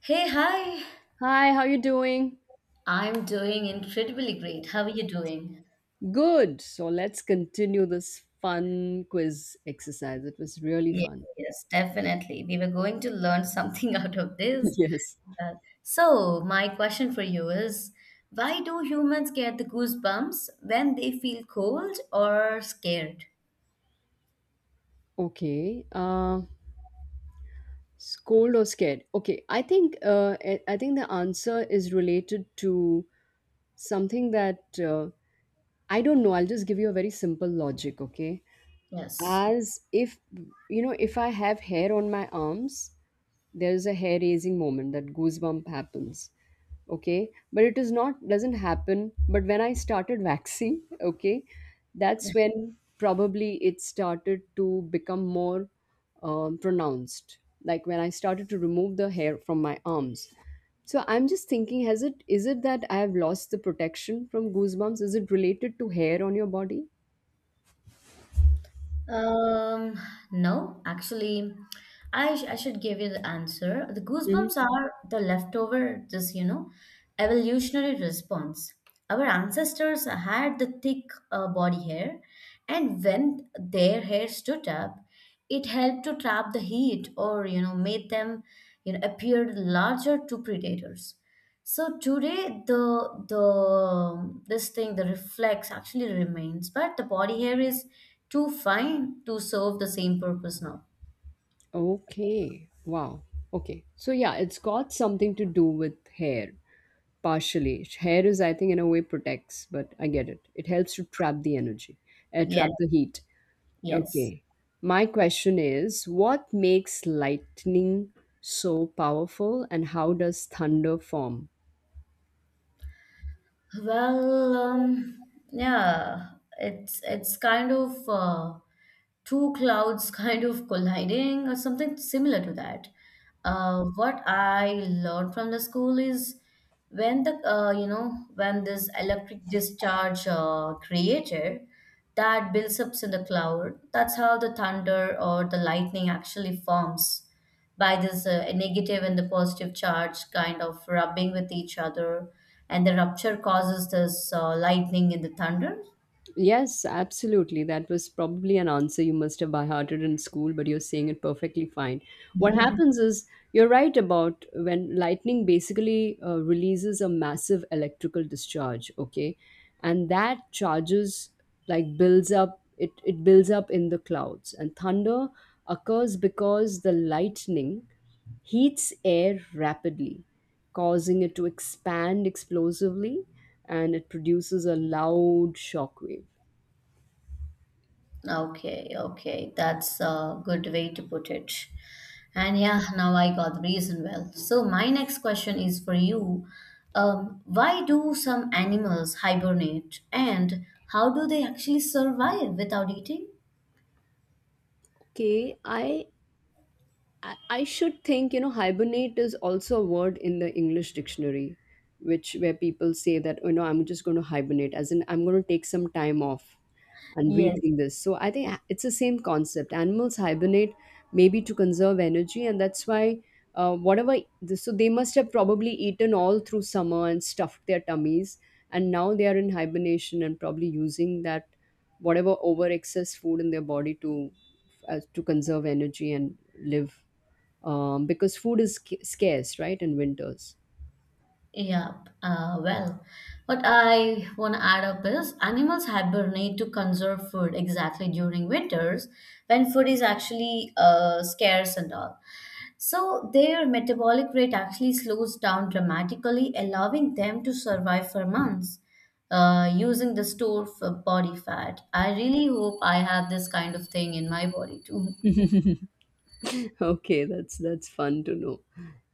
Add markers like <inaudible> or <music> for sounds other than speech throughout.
Hey, hi. Hi, how you doing? I'm doing incredibly great. How are you doing? Good. So let's continue this fun quiz exercise. It was really Yes, fun. yes, definitely. We were going to learn something <laughs> out of this. <laughs> Yes. So, my question for you is, why do humans get the goosebumps when they feel cold or scared? Okay. Scold or scared? Okay. I think I think the answer is related to something that I don't know. I'll just give you a very simple logic. Okay. Yes. As if you know if I have hair on my arms, there's a hair raising moment that goosebump happens. Okay, but it is not doesn't happen, but when I started <laughs> waxing. Okay, that's <laughs> when probably it started to become more pronounced, like when I started to remove the hair from my arms. So I'm just thinking, has it is it that I have lost the protection from goosebumps? Is it related to hair on your body? Um, no, actually, I should give you the answer. The goosebumps are the leftover, this, evolutionary response. Our ancestors had the thick body hair, and when their hair stood up, it helped to trap the heat or, made them, appear larger to predators. So today the this thing the reflex actually remains, but the body hair is too fine to serve the same purpose now. Okay. Wow. Okay. So yeah, it's got something to do with hair, partially. Hair is, I think, in a way protects, but I get it. It helps to trap the energy, Yeah. trap the heat. Yes. Okay. My question is, what makes lightning so powerful, and how does thunder form? Well, yeah, it's kind of two clouds kind of colliding or something similar to that. What I learned from the school is when the you know when this electric discharge created that builds up in the cloud. That's how the thunder or the lightning actually forms by this negative and the positive charge kind of rubbing with each other, and the rupture causes this lightning in the thunder. Yes, absolutely. That was probably an answer you must have by hearted in school, but you're saying it perfectly fine. What <laughs> happens is, you're right about when lightning basically releases a massive electrical discharge, okay? And that charges, like, builds up, it builds up in the clouds. And thunder occurs because the lightning heats air rapidly, causing it to expand explosively, and it produces a loud shock wave. Okay, okay, that's a good way to put it. And yeah, now I got the reason well. So my next question is for you. Why do some animals hibernate and how do they actually survive without eating? Okay, I should think, you know, hibernate is also a word in the English dictionary, which where people say that, you know, I'm just going to hibernate, as in I'm going to take some time off and Yes. rethink this. So I think it's the same concept. Animals hibernate maybe to conserve energy, and that's why whatever. So they must have probably eaten all through summer and stuffed their tummies, and now they are in hibernation and probably using that whatever over excess food in their body to conserve energy and live because food is scarce, right, in winters. Yeah, well, what I want to add up is animals hibernate to conserve food exactly during winters when food is actually scarce and all. So their metabolic rate actually slows down dramatically, allowing them to survive for months using the store for body fat. I really hope I have this kind of thing in my body too. <laughs> Okay, that's fun to know.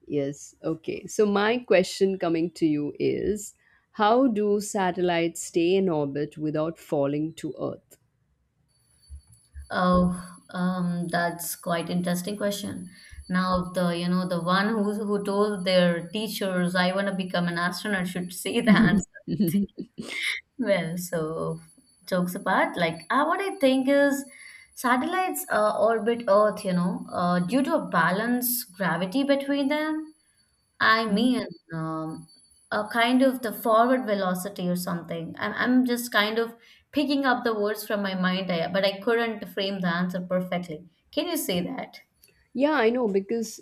Yes. Okay. So my question coming to you is, how do satellites stay in orbit without falling to Earth? <laughs> Oh, that's quite interesting question. Now the you know the one who told their teachers I want to become an astronaut should <laughs> say the <laughs> answer. Mhm. Well, so jokes apart, like what I think is satellites orbit Earth, due to a balance gravity between them. I Mhm. mean, um, a kind of the forward velocity or something. I'm just kind of picking up the words from my mind, but I couldn't frame the answer perfectly. Can you say that? Yeah, I know because,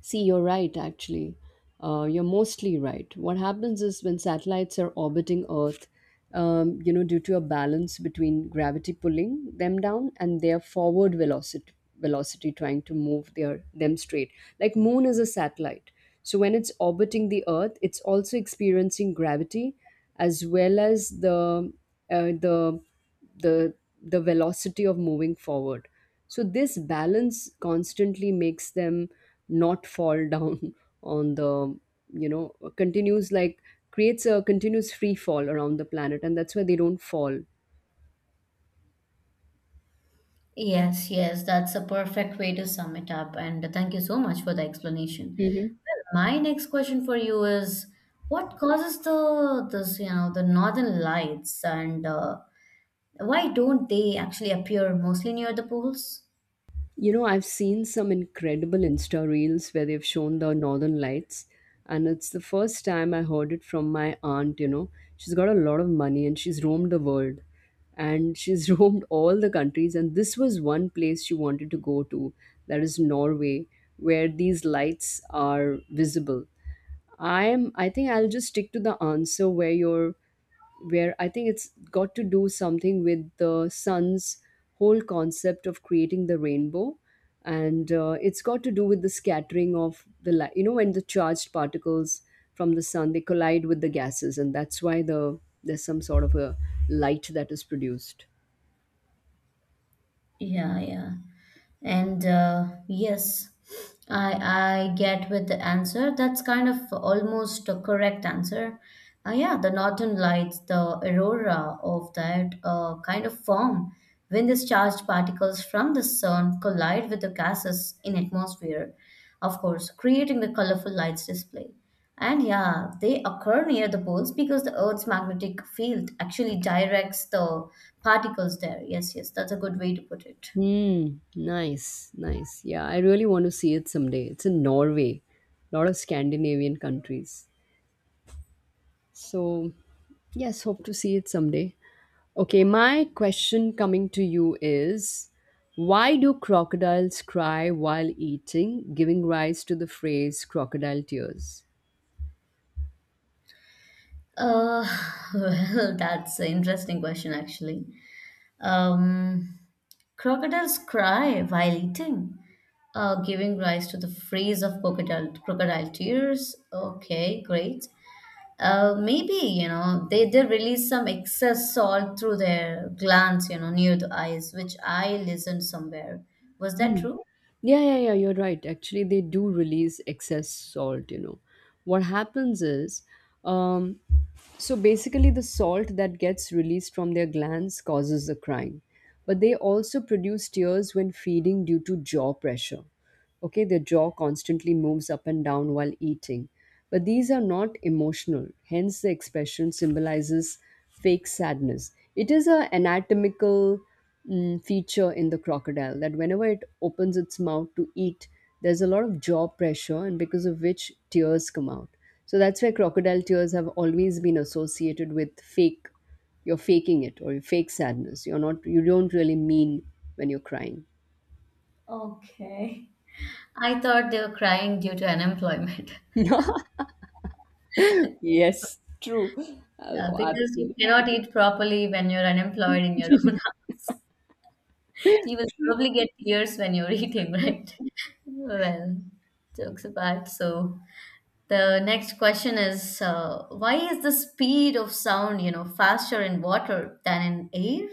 see, you're right, actually. You're mostly right. What happens is when satellites are orbiting Earth, you know, due to a balance between gravity pulling them down and their forward velocity, trying to move their them straight. Like Moon is a satellite, so when it's orbiting the Earth, it's also experiencing gravity, as well as the uh, the the the velocity of moving forward. So this balance constantly makes them not fall down <laughs> on the, you know, continues, like, creates a continuous free fall around the planet, and that's why they don't fall. Yes, yes, that's a perfect way to sum it up. And thank you so much for the explanation. Hmm. Well, my next question for you is, what causes the this, you know, the northern lights and why don't they actually appear mostly near the poles? You know, I've seen some incredible Insta reels where they've shown the northern lights, and it's the first time I heard it from my aunt. You know, she's got a lot of money and she's roamed the world and she's <laughs> roamed all the countries. And this was one place she wanted to go to, that is Norway, where these lights are visible. I think I'll just stick to the answer where you're where I think it's got to do something with the sun's whole concept of creating the rainbow, and it's got to do with the scattering of the light, you know, when the charged particles from the sun, they collide with the gases, and that's why there's some sort of a light that is produced. Yeah, yeah. And yes, I get with the answer. That's kind of almost a correct answer. Yeah, the northern lights, the aurora of that kind of form when these charged particles from the sun collide with the gases in atmosphere, of course creating the colorful lights display. And yeah, they occur near the poles because the Earth's magnetic field actually directs the particles there. Yes, yes, that's a good way to put it. Hmm. Nice, nice. Yeah, I really want to see it someday. It's in Norway, a lot of Scandinavian countries. So, yes, hope to see it someday. Okay, my question coming to you is, why do crocodiles cry while eating, giving rise to the phrase crocodile tears? Uh, <laughs> well, that's an interesting question, actually. Um, Crocodiles cry while eating, giving rise to the phrase of crocodile tears. Okay, great. Maybe they release some excess salt through their glands, near the eyes, which I listened somewhere. Was that Mm. true? Yeah, yeah, yeah, you're right. Actually, they do release excess salt, you know. What happens is, um, so basically, the salt that gets released from their glands causes the crying. But they also produce tears when feeding due to jaw pressure. Okay, their jaw constantly moves up and down while eating. But these are not emotional, hence the expression symbolizes fake sadness. It is an anatomical feature in the crocodile that whenever it opens its mouth to eat, there's a lot of jaw pressure, and because of which tears come out. So that's why crocodile tears have always been associated with fake. You're faking it, or fake sadness. You're not. You don't really mean when you're crying. Okay. I thought they were crying due to unemployment. <laughs> <laughs> Yes, true. Oh, Because you absolutely. cannot eat properly when you're unemployed in your <laughs> own. You will probably <laughs> get tears when you're eating, <laughs> right? Well, jokes apart. So the next question is, why is the speed of sound, faster in water than in air?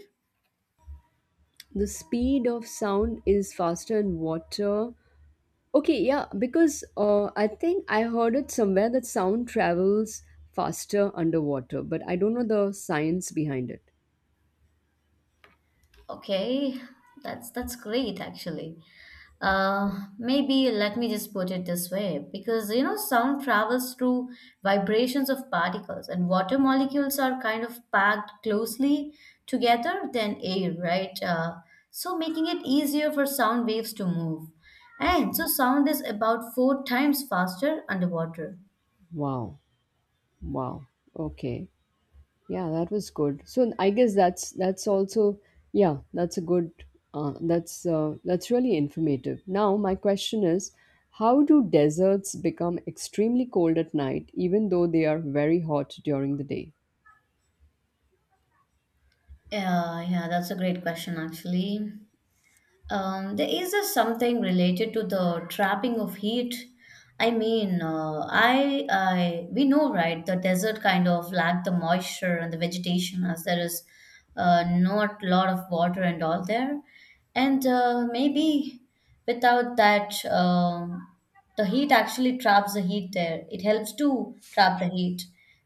The speed of sound is faster in water. Okay, yeah, because I think I heard it somewhere that sound travels faster underwater, but I don't know the science behind it. Okay, that's great actually. Uh, Maybe let me just put it this way because sound travels through vibrations of particles and water molecules are kind of packed closely together than air, right? So making it easier for sound waves to move. And so sound is about four times faster underwater. Wow. Wow. Okay. Yeah, that was good. So I guess that's also, yeah, that's a good that's really informative. Now my question is, how do deserts become extremely cold at night even though they are very hot during the day? Yeah, yeah, that's a great question actually. There is a something related to the trapping of heat. I mean, we know, right? The desert kind of lack the moisture and the vegetation, as there is not a lot of water and all there. And maybe without that, the heat actually traps the heat there. It helps to trap the heat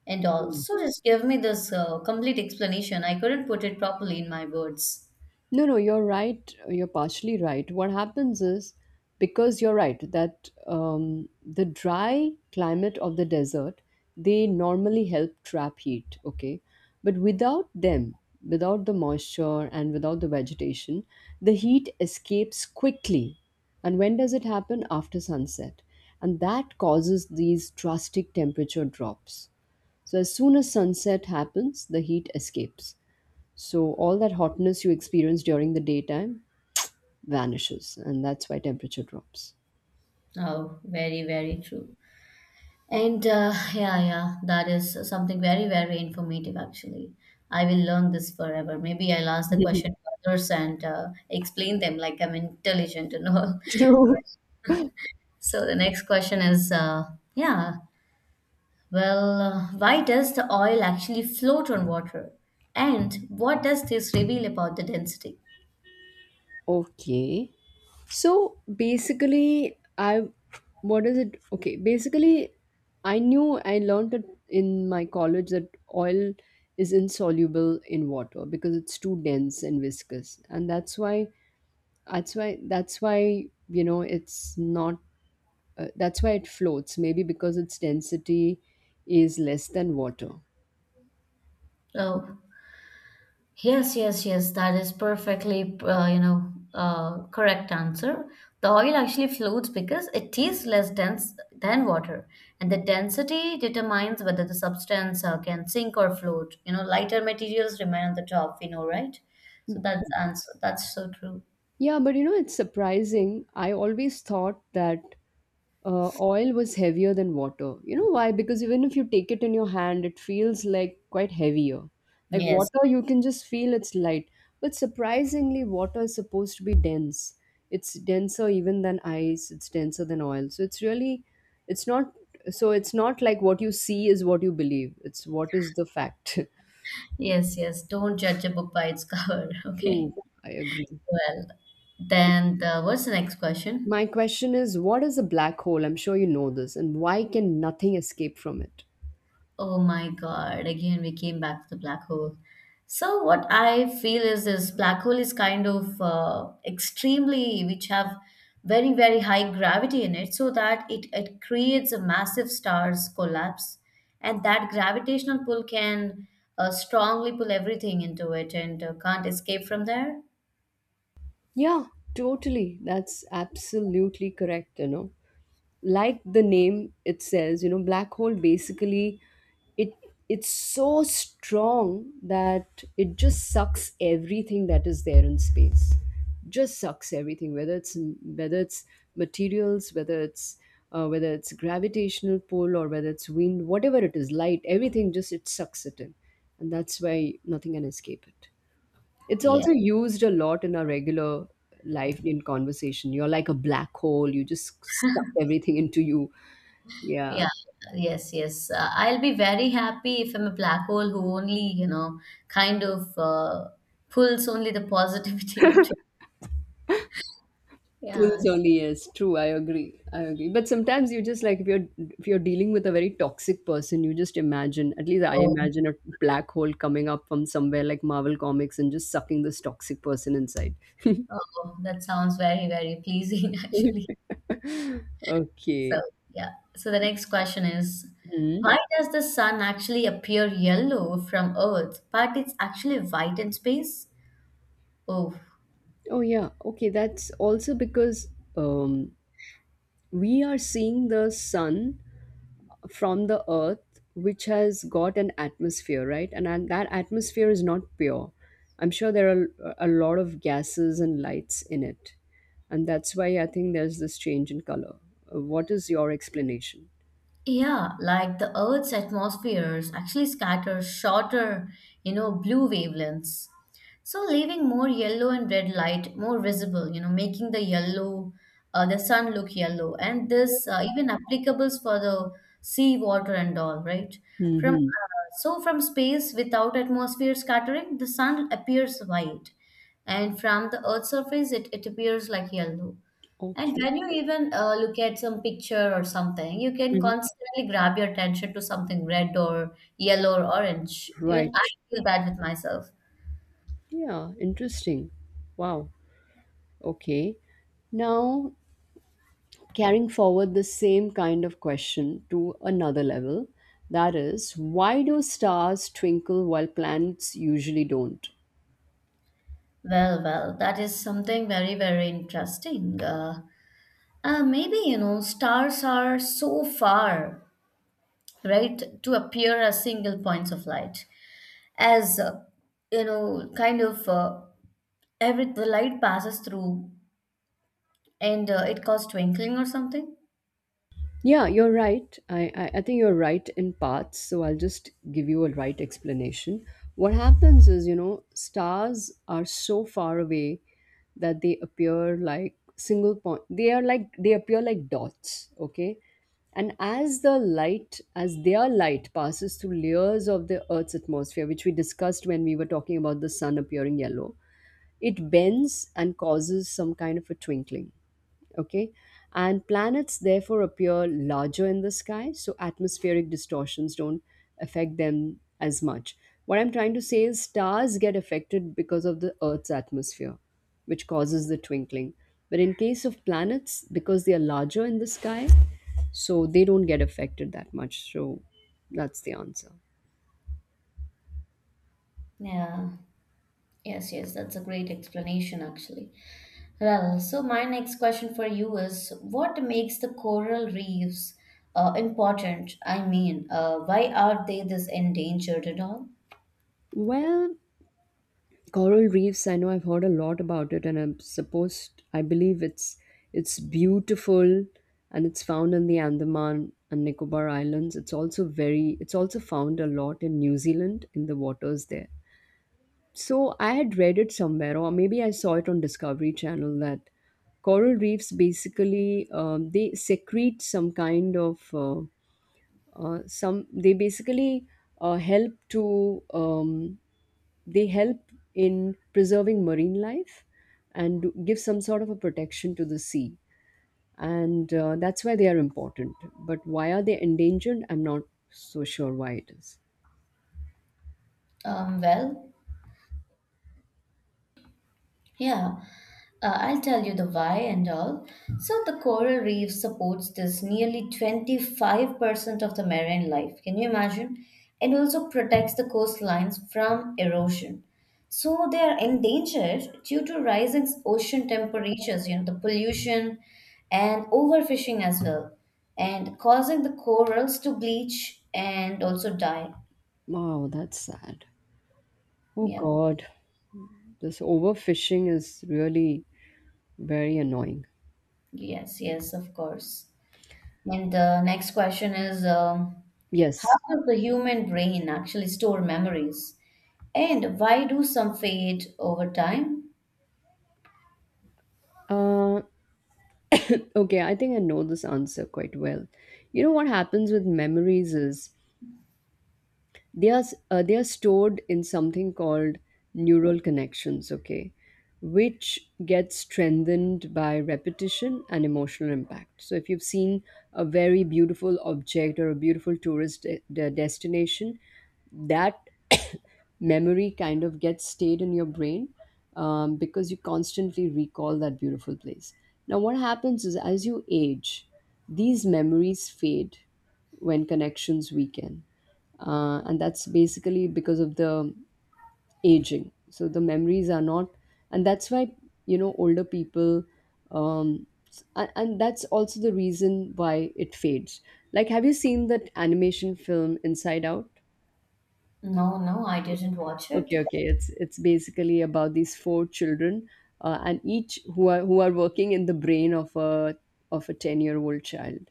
and all. So just give me this complete explanation. I couldn't put it properly in my words. No, no, you're right. You're partially right. What happens is, because you're right that the dry climate of the desert, they normally help trap heat. Okay, but without them, without the moisture and without the vegetation, the heat escapes quickly. And when does it happen? After sunset, and that causes these drastic temperature drops. So as soon as sunset happens, the heat escapes, so all that hotness you experience during the daytime vanishes, and that's why temperature drops. Oh, very, very true. And yeah, yeah, that is something very, very informative actually. I will learn this forever. Maybe I'll ask the <laughs> question to others and explain them like I'm intelligent and all. <laughs> True. Right. So the next question is, yeah, well, why does the oil actually float on water? And what does this reveal about the density? Okay. So basically, I, what is it? Okay, basically, I knew I learned it in my college that oil is insoluble in water because it's too dense and viscous, and that's why, you know, it's not. That's why it floats. Maybe because its density is less than water. Oh. Yes, yes, yes. That is perfectly, correct answer. The oil actually floats because it is less dense than water, and the density determines whether the substance can sink or float. Lighter materials remain on the top. We know, right? So that's answer. That's so true. Yeah, but you know, it's surprising. I always thought that oil was heavier than water. You know why? Because even if you take it in your hand, it feels like quite heavier. Like Yes, water, you can just feel it's light. But surprisingly, water is supposed to be dense. It's denser even than ice, it's denser than oil. So it's really, it's not, so it's not like what you see is what you believe, it's what is the fact. yes, yes. Don't judge a book by its cover. <laughs> <laughs> Okay. True, I agree. Well, then what's the next question? My question is, what is a black hole? I'm sure you know this. And why can nothing escape from it? Oh my God, again we came back to the black hole. So what I feel is, this black hole is kind of extremely which have very, very high gravity in it, so that it creates a massive stars collapse, and that gravitational pull can strongly pull everything into it, and can't escape from there. Yeah, totally. That's absolutely correct, you know. Like the name it says, you know, black hole, basically, it it's so strong that it just sucks everything that is there in space, just sucks everything, whether it's whether it's materials, whether it's gravitational pull or whether it's wind, whatever it is, light, everything, just it sucks it in, and that's why nothing can escape it. It's Yeah. also used a lot in our regular life in conversation. You're like a black hole, you just suck everything into you. Yeah. Yeah, yes, yes. I'll be very happy if I'm a black hole who only, kind of pulls only the positivity <laughs> into. Yeah, Pulls only, yes, true. I agree. I agree. But sometimes you just, like, if you're dealing with a very toxic person, you just imagine. At least I so imagine a black hole coming up from somewhere, like Marvel Comics, and just sucking this toxic person inside. <laughs> oh, that sounds very, very pleasing <laughs> actually. So, Okay. yeah. So the next question is, Hmm. why does the sun actually appear yellow from Earth, but it's actually white in space? Oh, Oh yeah. Okay. That's also because um, we are seeing the sun from the earth, which has got an atmosphere, right, and that atmosphere is not pure. I'm sure there are a lot of gases and lights in it, and that's why I think there's this change in color. What is your explanation? yeah, like the Earth's atmospheres actually scatter shorter, blue wavelengths. So leaving more yellow and red light more visible, making the sun look yellow. And this even applicables for the sea water and all, right? From Mm-hmm. so from space without atmosphere scattering, the sun appears white, and from the Earth's surface, it appears like yellow. And Okay. when you even look at some picture or something, you can Mhm. constantly grab your attention to something red or yellow or orange. Even Right, I feel bad with myself. yeah, interesting. Wow. Okay. Now, carrying forward the same kind of question to another level, that is, why do stars twinkle while planets usually don't? Well, well, that is something very, very interesting. Maybe, stars are so far, right, to appear as single points of light. As, kind of every the light passes through, and it causes twinkling or something. Yeah, you're right. I, I think you're right in parts. So I'll just give you a right explanation. What happens is, you know, stars are so far away that they appear like single point. They are like, they appear like dots, okay? And as the light, as their light passes through layers of the Earth's atmosphere, which we discussed when we were talking about the sun appearing yellow, it bends and causes some kind of a twinkling, okay, and planets therefore appear larger in the sky, so atmospheric distortions don't affect them as much. What I'm trying to say is stars get affected because of the Earth's atmosphere, which causes the twinkling. But in case of planets, because they are larger in the sky, so they don't get affected that much. So that's the answer. Yeah. Yes, yes, that's a great explanation actually. Well, so my next question for you is what makes the coral reefs important? I mean, why are they this endangered at all? Well, coral reefs, I know I've heard a lot about it and I'm supposed I believe it's beautiful. And it's found in the Andaman and Nicobar Islands. It's also very it's also found a lot in New Zealand, in the waters there. So I had read it somewhere, or maybe I saw it on Discovery Channel that coral reefs basically they secrete some kind of some they basically help to they help in preserving marine life and give some sort of a protection to the sea. And that's why they are important. But why are they endangered, I'm not so sure why it is. Well, yeah, I'll tell you the why and all. So, the coral reef supports this nearly 25% of the marine life. Can you imagine? And also protects the coastlines from erosion. So, they are endangered due to rising ocean temperatures, the pollution and overfishing as well, and causing the corals to bleach and also die. Wow, that's sad. Oh Yeah, god. This overfishing is really very annoying. yes, yes, of course. And the next question is. How Yes. does the human brain actually store memories? And why do some fade over time? uh <clears throat> okay, I think I know this answer quite well. You know what happens with memories is they are stored in something called neural connections, okay, which gets strengthened by repetition and emotional impact. So if you've seen a very beautiful object or a beautiful tourist destination, that <coughs> memory kind of gets stayed in your brain, because you constantly recall that beautiful place. Now, what happens is as you age, these memories fade when connections weaken, and that's basically because of the aging. So the memories are not, and that's why, you know, older people, and that's also the reason why it fades. Like, have you seen that animation film Inside Out? No, no, I didn't watch it. Okay, okay. It's basically about these four children, and each who are working in the brain of a 10-year-old year old child,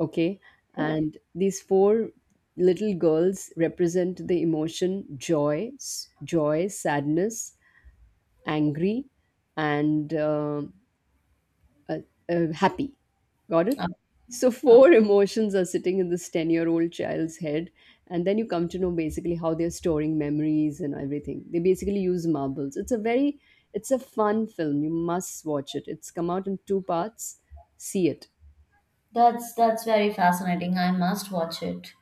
okay, Okay. and these four little girls represent the emotion joy, joy, sadness, angry, and uh, happy. Got it. Uh, So four <laughs> emotions are sitting in this 10-year-old year old child's head, and then you come to know basically how they're storing memories and everything. They basically use marbles. It's a very it's a fun film. You must watch it. It's come out in two parts. See it. that's very fascinating. I must watch it.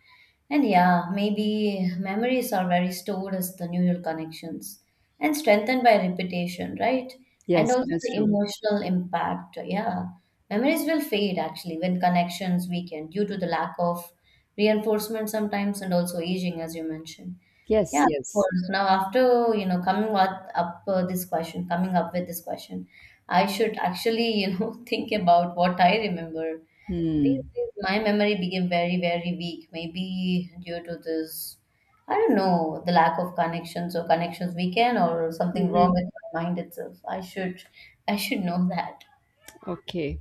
And yeah, maybe memories are very stored as the neural connections and strengthened by repetition, right? And Yes, also that's the true. emotional impact. Yeah. Memories will fade actually when connections weaken due to the lack of reinforcement sometimes and also aging as you mentioned. Yes, Yeah, of yes. course. Now, after coming up, this question, coming up with this question, I should actually <laughs> think about what I remember these Hmm. days, my memory became very, very weak. Maybe due to this, I don't know, the lack of connections or connections we can, or something wrong Mm-hmm. with my mind itself. I should know that. Okay.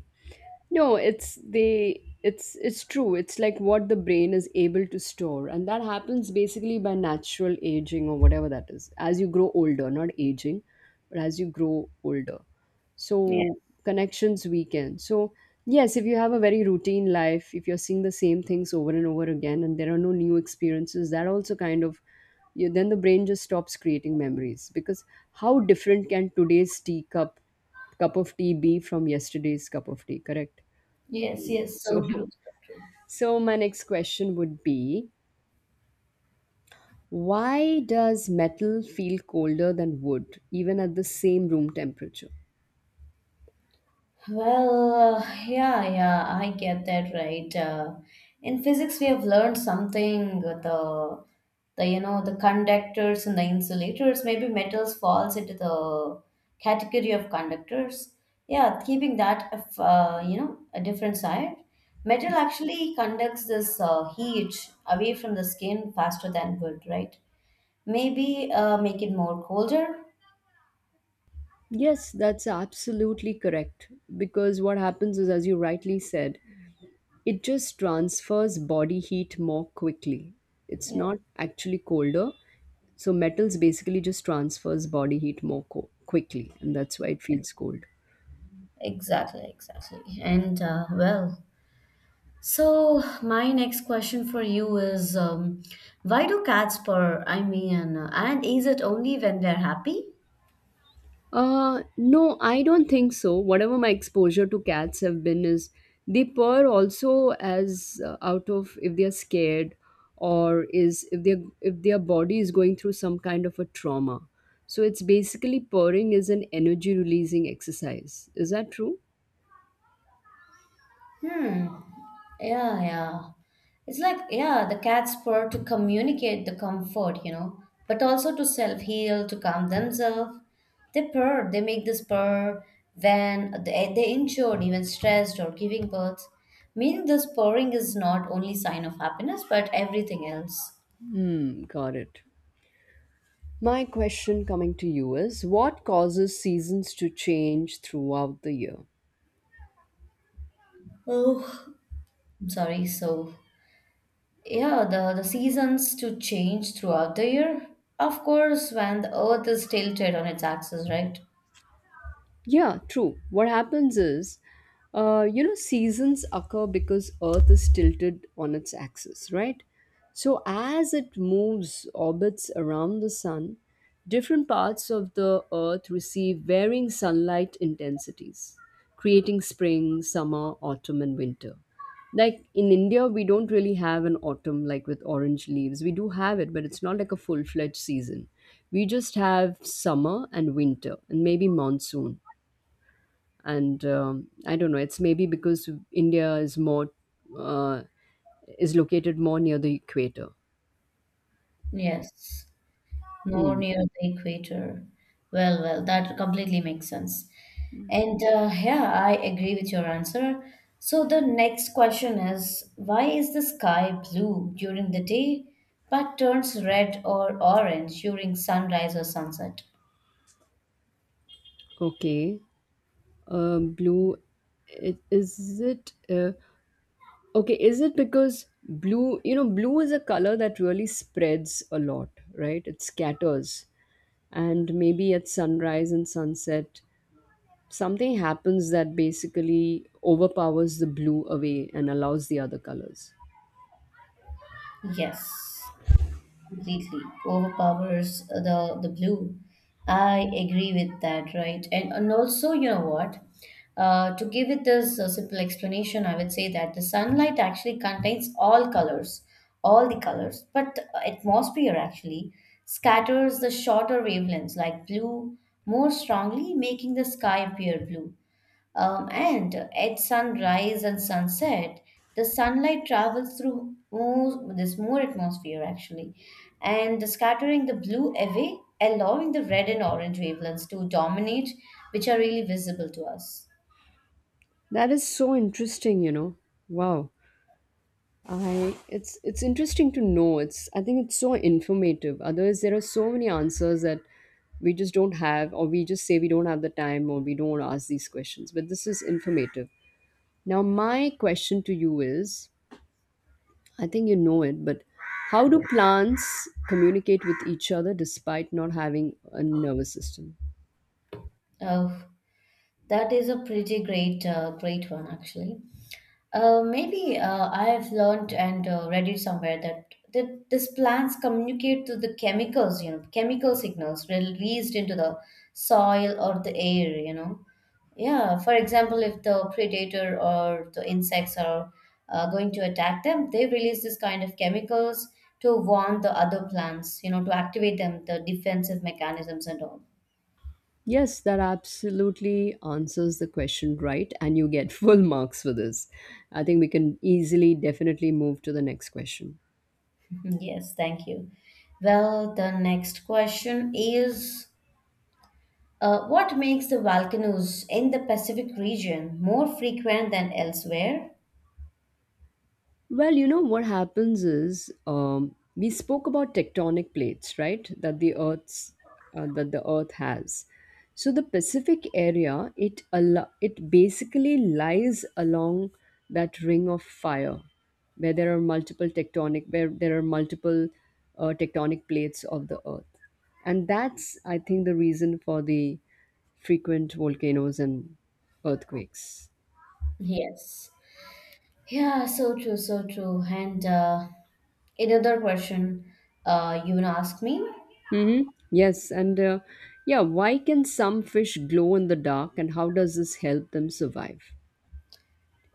No, it's the it's true. It's like what the brain is able to store, and that happens basically by natural aging or whatever that is. As you grow older, not aging, but as you grow older. So Yeah. connections weaken. So yes, if you have a very routine life, if you're seeing the same things over and over again and there are no new experiences, that also kind of you, then the brain just stops creating memories, because how different can today's tea cup cup of tea be from yesterday's cup of tea? Correct. Yes, yes, So so true, so true. <laughs> so my next question would be, why does metal feel colder than wood even at the same room temperature? Well, yeah, yeah, I get that right. In physics, we have learned something. The the conductors and the insulators. Maybe metals falls into the category of conductors. Yeah, keeping that of, a different side. Metal actually conducts this heat away from the skin faster than wood, right? Maybe make it more colder. Yes, that's absolutely correct. Because what happens is, as you rightly said, it just transfers body heat more quickly. It's Yeah, not actually colder. So metals basically just transfers body heat more quickly, and that's why it feels cold. exactly, exactly. And well. So, my next question for you is why do cats purr? I mean, and is it only when they're happy? No, I don't think so. Whatever my exposure to cats have been is they purr also as out of if they're scared, or is if their body is going through some kind of a trauma. So it's basically purring is an energy releasing exercise. Is that true? Hmm. Yeah, yeah. It's like, yeah, the cats purr to communicate the comfort, you know, but also to self heal, to calm themselves. They purr, they make this purr when they're injured, even stressed, or giving birth. Meaning, this purring is not only sign of happiness, but everything else. Hmm, got it. My question coming to you is what causes seasons to change throughout the year? Oh, I'm sorry. So yeah, the seasons to change throughout the year. Of course, when the earth is tilted on its axis, right? Yeah, true. What happens is, you know, seasons occur because Earth is tilted on its axis, right? So as it moves orbits around the sun, different parts of the Earth receive varying sunlight intensities, creating spring, summer, autumn, and winter. Like in India, we don't really have an autumn like with orange leaves. We do have it, but it's not like a full fledged season. We just have summer and winter and maybe monsoon, and I don't know, it's maybe because India is more uh, is located more near the equator. Yes, more Hmm. near the equator. Well, that completely makes sense. And yeah, I agree with your answer. So the next question is, why is the sky blue during the day but turns red or orange during sunrise or sunset? Okay. Blue, it, is it okay, is it because blue, you know, blue is a color that really spreads a lot, right? It scatters. And maybe at sunrise and sunset something happens that basically overpowers the blue away and allows the other colors. Yes, completely overpowers the blue. I agree with that, right? And also, you know what? To give it this simple explanation, I would say that the sunlight actually contains all colors, all the colors, but the atmosphere actually scatters the shorter wavelengths like blue more strongly, making the sky appear blue. And at sunrise and sunset, the sunlight travels through more, this more atmosphere actually, and scattering the blue away, allowing the red and orange wavelengths to dominate, which are really visible to us. That is so interesting, you know. Wow. I it's interesting to know. It's I think it's so informative. Otherwise, there are so many answers that we just don't have, or we just say we don't have the time, or we don't want to ask these questions. But this is informative. Now, my question to you is, I think you know it, but how do plants communicate with each other despite not having a nervous system? Oh, that is a pretty great one actually. Maybe I have learned and read it somewhere that these plants communicate to the chemicals, you know, chemical signals released into the soil or the air, you know. Yeah, for example, if the predator or the insects are going to attack them, they release this kind of chemicals to warn the other plants, you know, to activate them, the defensive mechanisms and all. Yes, that absolutely answers the question right, and you get <laughs> full marks for this. I think we can easily, definitely move to the next question. Yes, thank you. Well, the next question is what makes the volcanoes in the Pacific region more frequent than elsewhere? Well, you know what happens is, we spoke about tectonic plates, right? That the Earth's that the Earth has. So the Pacific area, it basically lies along that Ring of Fire, where there are multiple tectonic where there are multiple tectonic plates of the Earth, and that's I think the reason for the frequent volcanoes and earthquakes. Yes, yeah, so true, so true. And another question you wanna ask me? Mm-hmm. Yes, and yeah, why can some fish glow in the dark and how does this help them survive?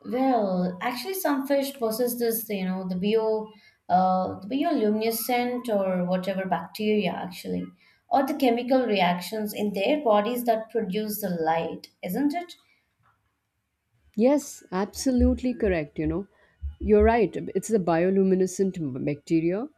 Well, actually, some fish possess this, you know, the bioluminescent or whatever bacteria actually, or the chemical reactions in their bodies that produce the light, isn't it? Yes, absolutely correct. You know, you're right. It's the bioluminescent bacteria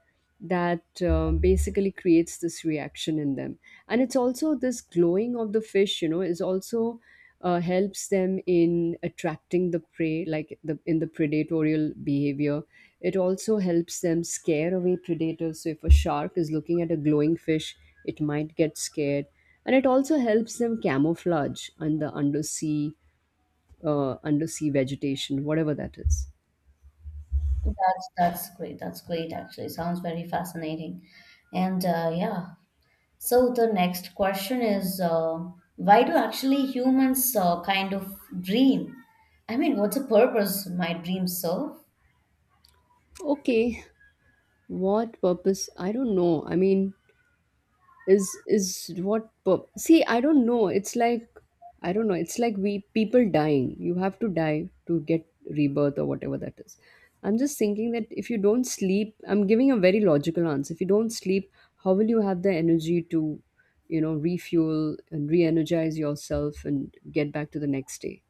that basically creates this reaction in them. And it's also this glowing of the fish, you know, is also helps them in attracting the prey, like the in the predatorial behavior. It also helps them scare away predators. So if a shark is looking at a glowing fish, it might get scared. And it also helps them camouflage under undersea vegetation, whatever that is. That's great. That's great actually. Sounds very fascinating. And yeah. So the next question is why do actually humans kind of dream? I mean, what's the purpose my dreams serve? Okay, what purpose? I don't know. I mean, is what? See, I don't know. It's like I don't know. It's like we people dying. You have to die to get rebirth or whatever that is. I'm just thinking that if you don't sleep, I'm giving a very logical answer. If you don't sleep, how will you have the energy to, you know, refuel and re-energize yourself and get back to the next day?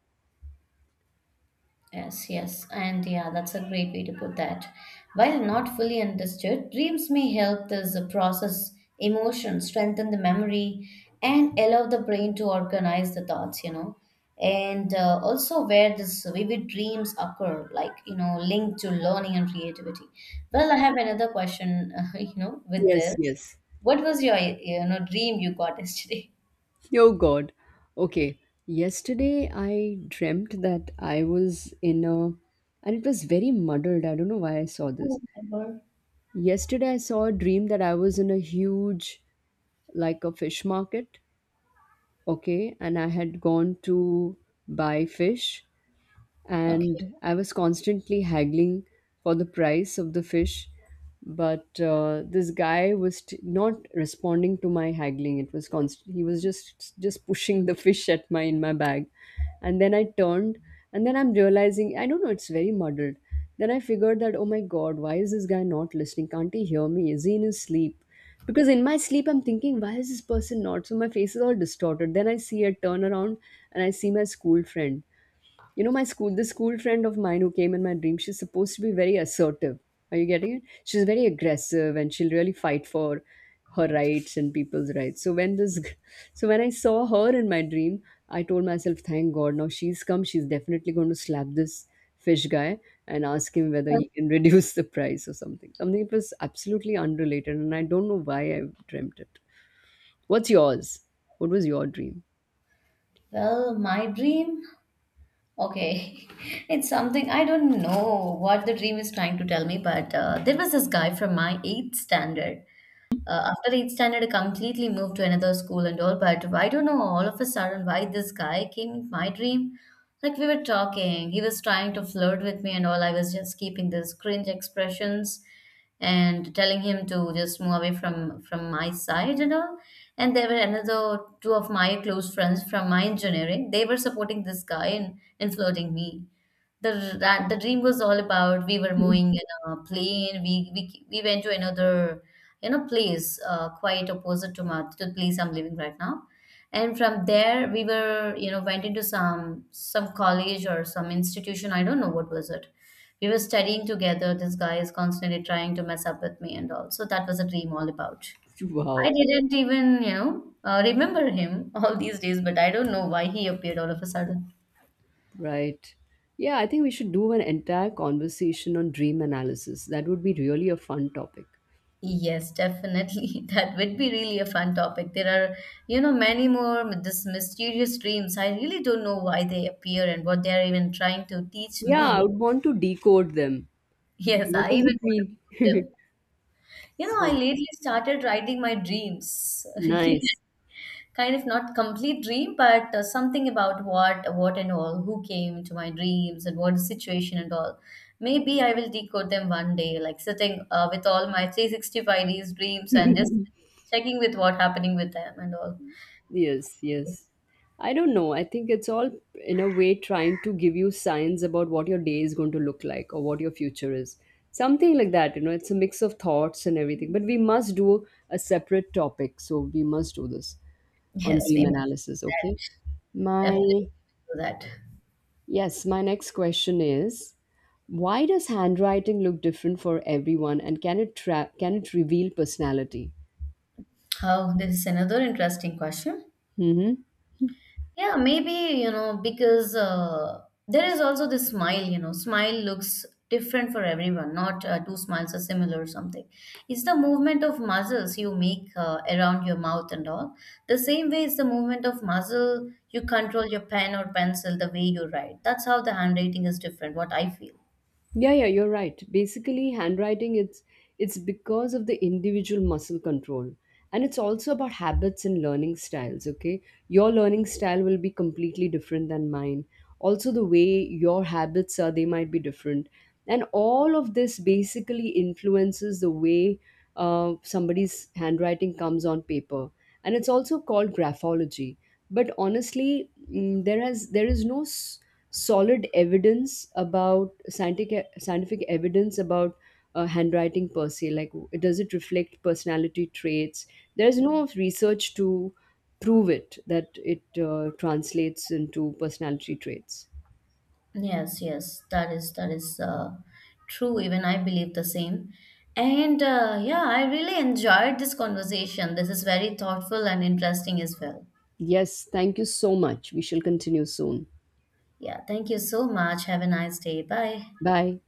Yes, yes, and yeah, that's a great way to put that. While not fully understood, dreams may help this process emotion, strengthen the memory, and allow the brain to organize the thoughts, you know. And also, where this vivid dreams occur, like, you know, linked to learning and creativity. Well, I have another question, <laughs> with Yes, this. yes. What was your, you know, dream you got <laughs> yesterday? <laughs> Oh God. Okay. Yesterday I dreamt that I was in a, and it was very muddled. I don't know why I saw this. Oh, remember. Yesterday I saw a dream that I was in a huge, like a fish market. Okay. And I had gone to buy fish Okay. and I was constantly haggling for the price of the fish. But this guy was not responding to my haggling. It was constant. He was just pushing the fish at my in my bag, and then I turned, and then I'm realizing I don't know. It's very muddled. Then I figured that oh my god, why is this guy not listening? Can't he hear me? Is he in his sleep? Because in my sleep, I'm thinking, why is this person not? So my face is all distorted. Then I see a turn around, and I see my school friend, you know, my school the school friend of mine who came in my dream. She's supposed to be very assertive, are you getting it, she's very aggressive and she'll really fight for her rights and people's rights. So when so when I saw her in my dream, I told myself, thank god, now she's come, she's definitely going to slap this fish guy and ask him whether he can <laughs> reduce the price or something, something that was absolutely unrelated, and I don't know why I dreamt it. What's yours? What was your dream? Well, my dream. Okay, <laughs> it's something I don't know what the dream is trying to tell me, but there was this guy from my eighth standard after eighth standard, I completely moved to another school and all. But I don't know all of a sudden why this guy came in my dream. Like we were talking, he was trying to flirt with me and all. I was just keeping these cringe expressions and telling him to just move away from my side and all. And there were another two of my close friends from my engineering. They were supporting this guy and flirting me, the dream was all about we were <laughs> moving in a plane, we went to another, you know, place quite opposite to my, to the place I'm living right now, and from there we were, you know, went into some college or some institution. I don't know what was it. We were studying together. This guy is constantly trying to mess up with me and all. So that was a dream all about. I Wow. didn't even, you know, remember him <laughs> all these days, but I don't know why he appeared all of a sudden. Right. Yeah, I think we should do an entire conversation on dream analysis. That would be really a fun topic. Yes, definitely. <laughs> That would be really a fun topic. There are, you know, many more this mysterious dreams. I really don't know why they appear and what they are even trying to teach Yeah, me. I <laughs> would want to decode them. Yes, What I even does want it to mean? be with them. You know, I So lately started writing my dreams. <laughs> Really, nice. kind of not complete dream, but something about what and all, who came to my dreams and what situation and all. Maybe I will decode them one day, like sitting with all my 365 days dreams and just <laughs> checking with what happening with them and all. Yes, yes. <laughs> I don't know. I think it's all in a way trying to give you signs about what your day is going to look like or what your future is. Something like that, you know, it's a mix of thoughts and everything. But we must do a separate topic. So we must do this on Yes, dream we must analysis, do okay? that. Definitely My do that. yes, my next question is why does handwriting look different for everyone and can it can it reveal personality? Oh, this is another interesting question. Mhm. Yeah, maybe, you know, because there is also this smile, you know, smile looks different for everyone, not two smiles are similar or something. It's the movement of muscles you make around your mouth and all. The same way it's the movement of muscle you control your pen or pencil, the way you write. That's how the handwriting is different, what I feel. Yeah, yeah, you're right. Basically, handwriting it's because of the individual muscle control. And it's also about habits and learning styles, okay? Your learning style will be completely different than mine. Also the way your habits are, they might be different. And all of this basically influences the way somebody's handwriting comes on paper. And it's also called graphology. But honestly, mm, there has there is no solid evidence about scientific scientific evidence about handwriting per se, like does it reflect personality traits? There's no research to prove it that it translates into personality traits. Yes, yes, that is true. Even I believe the same. And yeah, I really enjoyed this conversation. This is very thoughtful and interesting as well. Yes, thank you so much, we shall continue soon. Yeah, thank you so much. Have a nice day. Bye. Bye.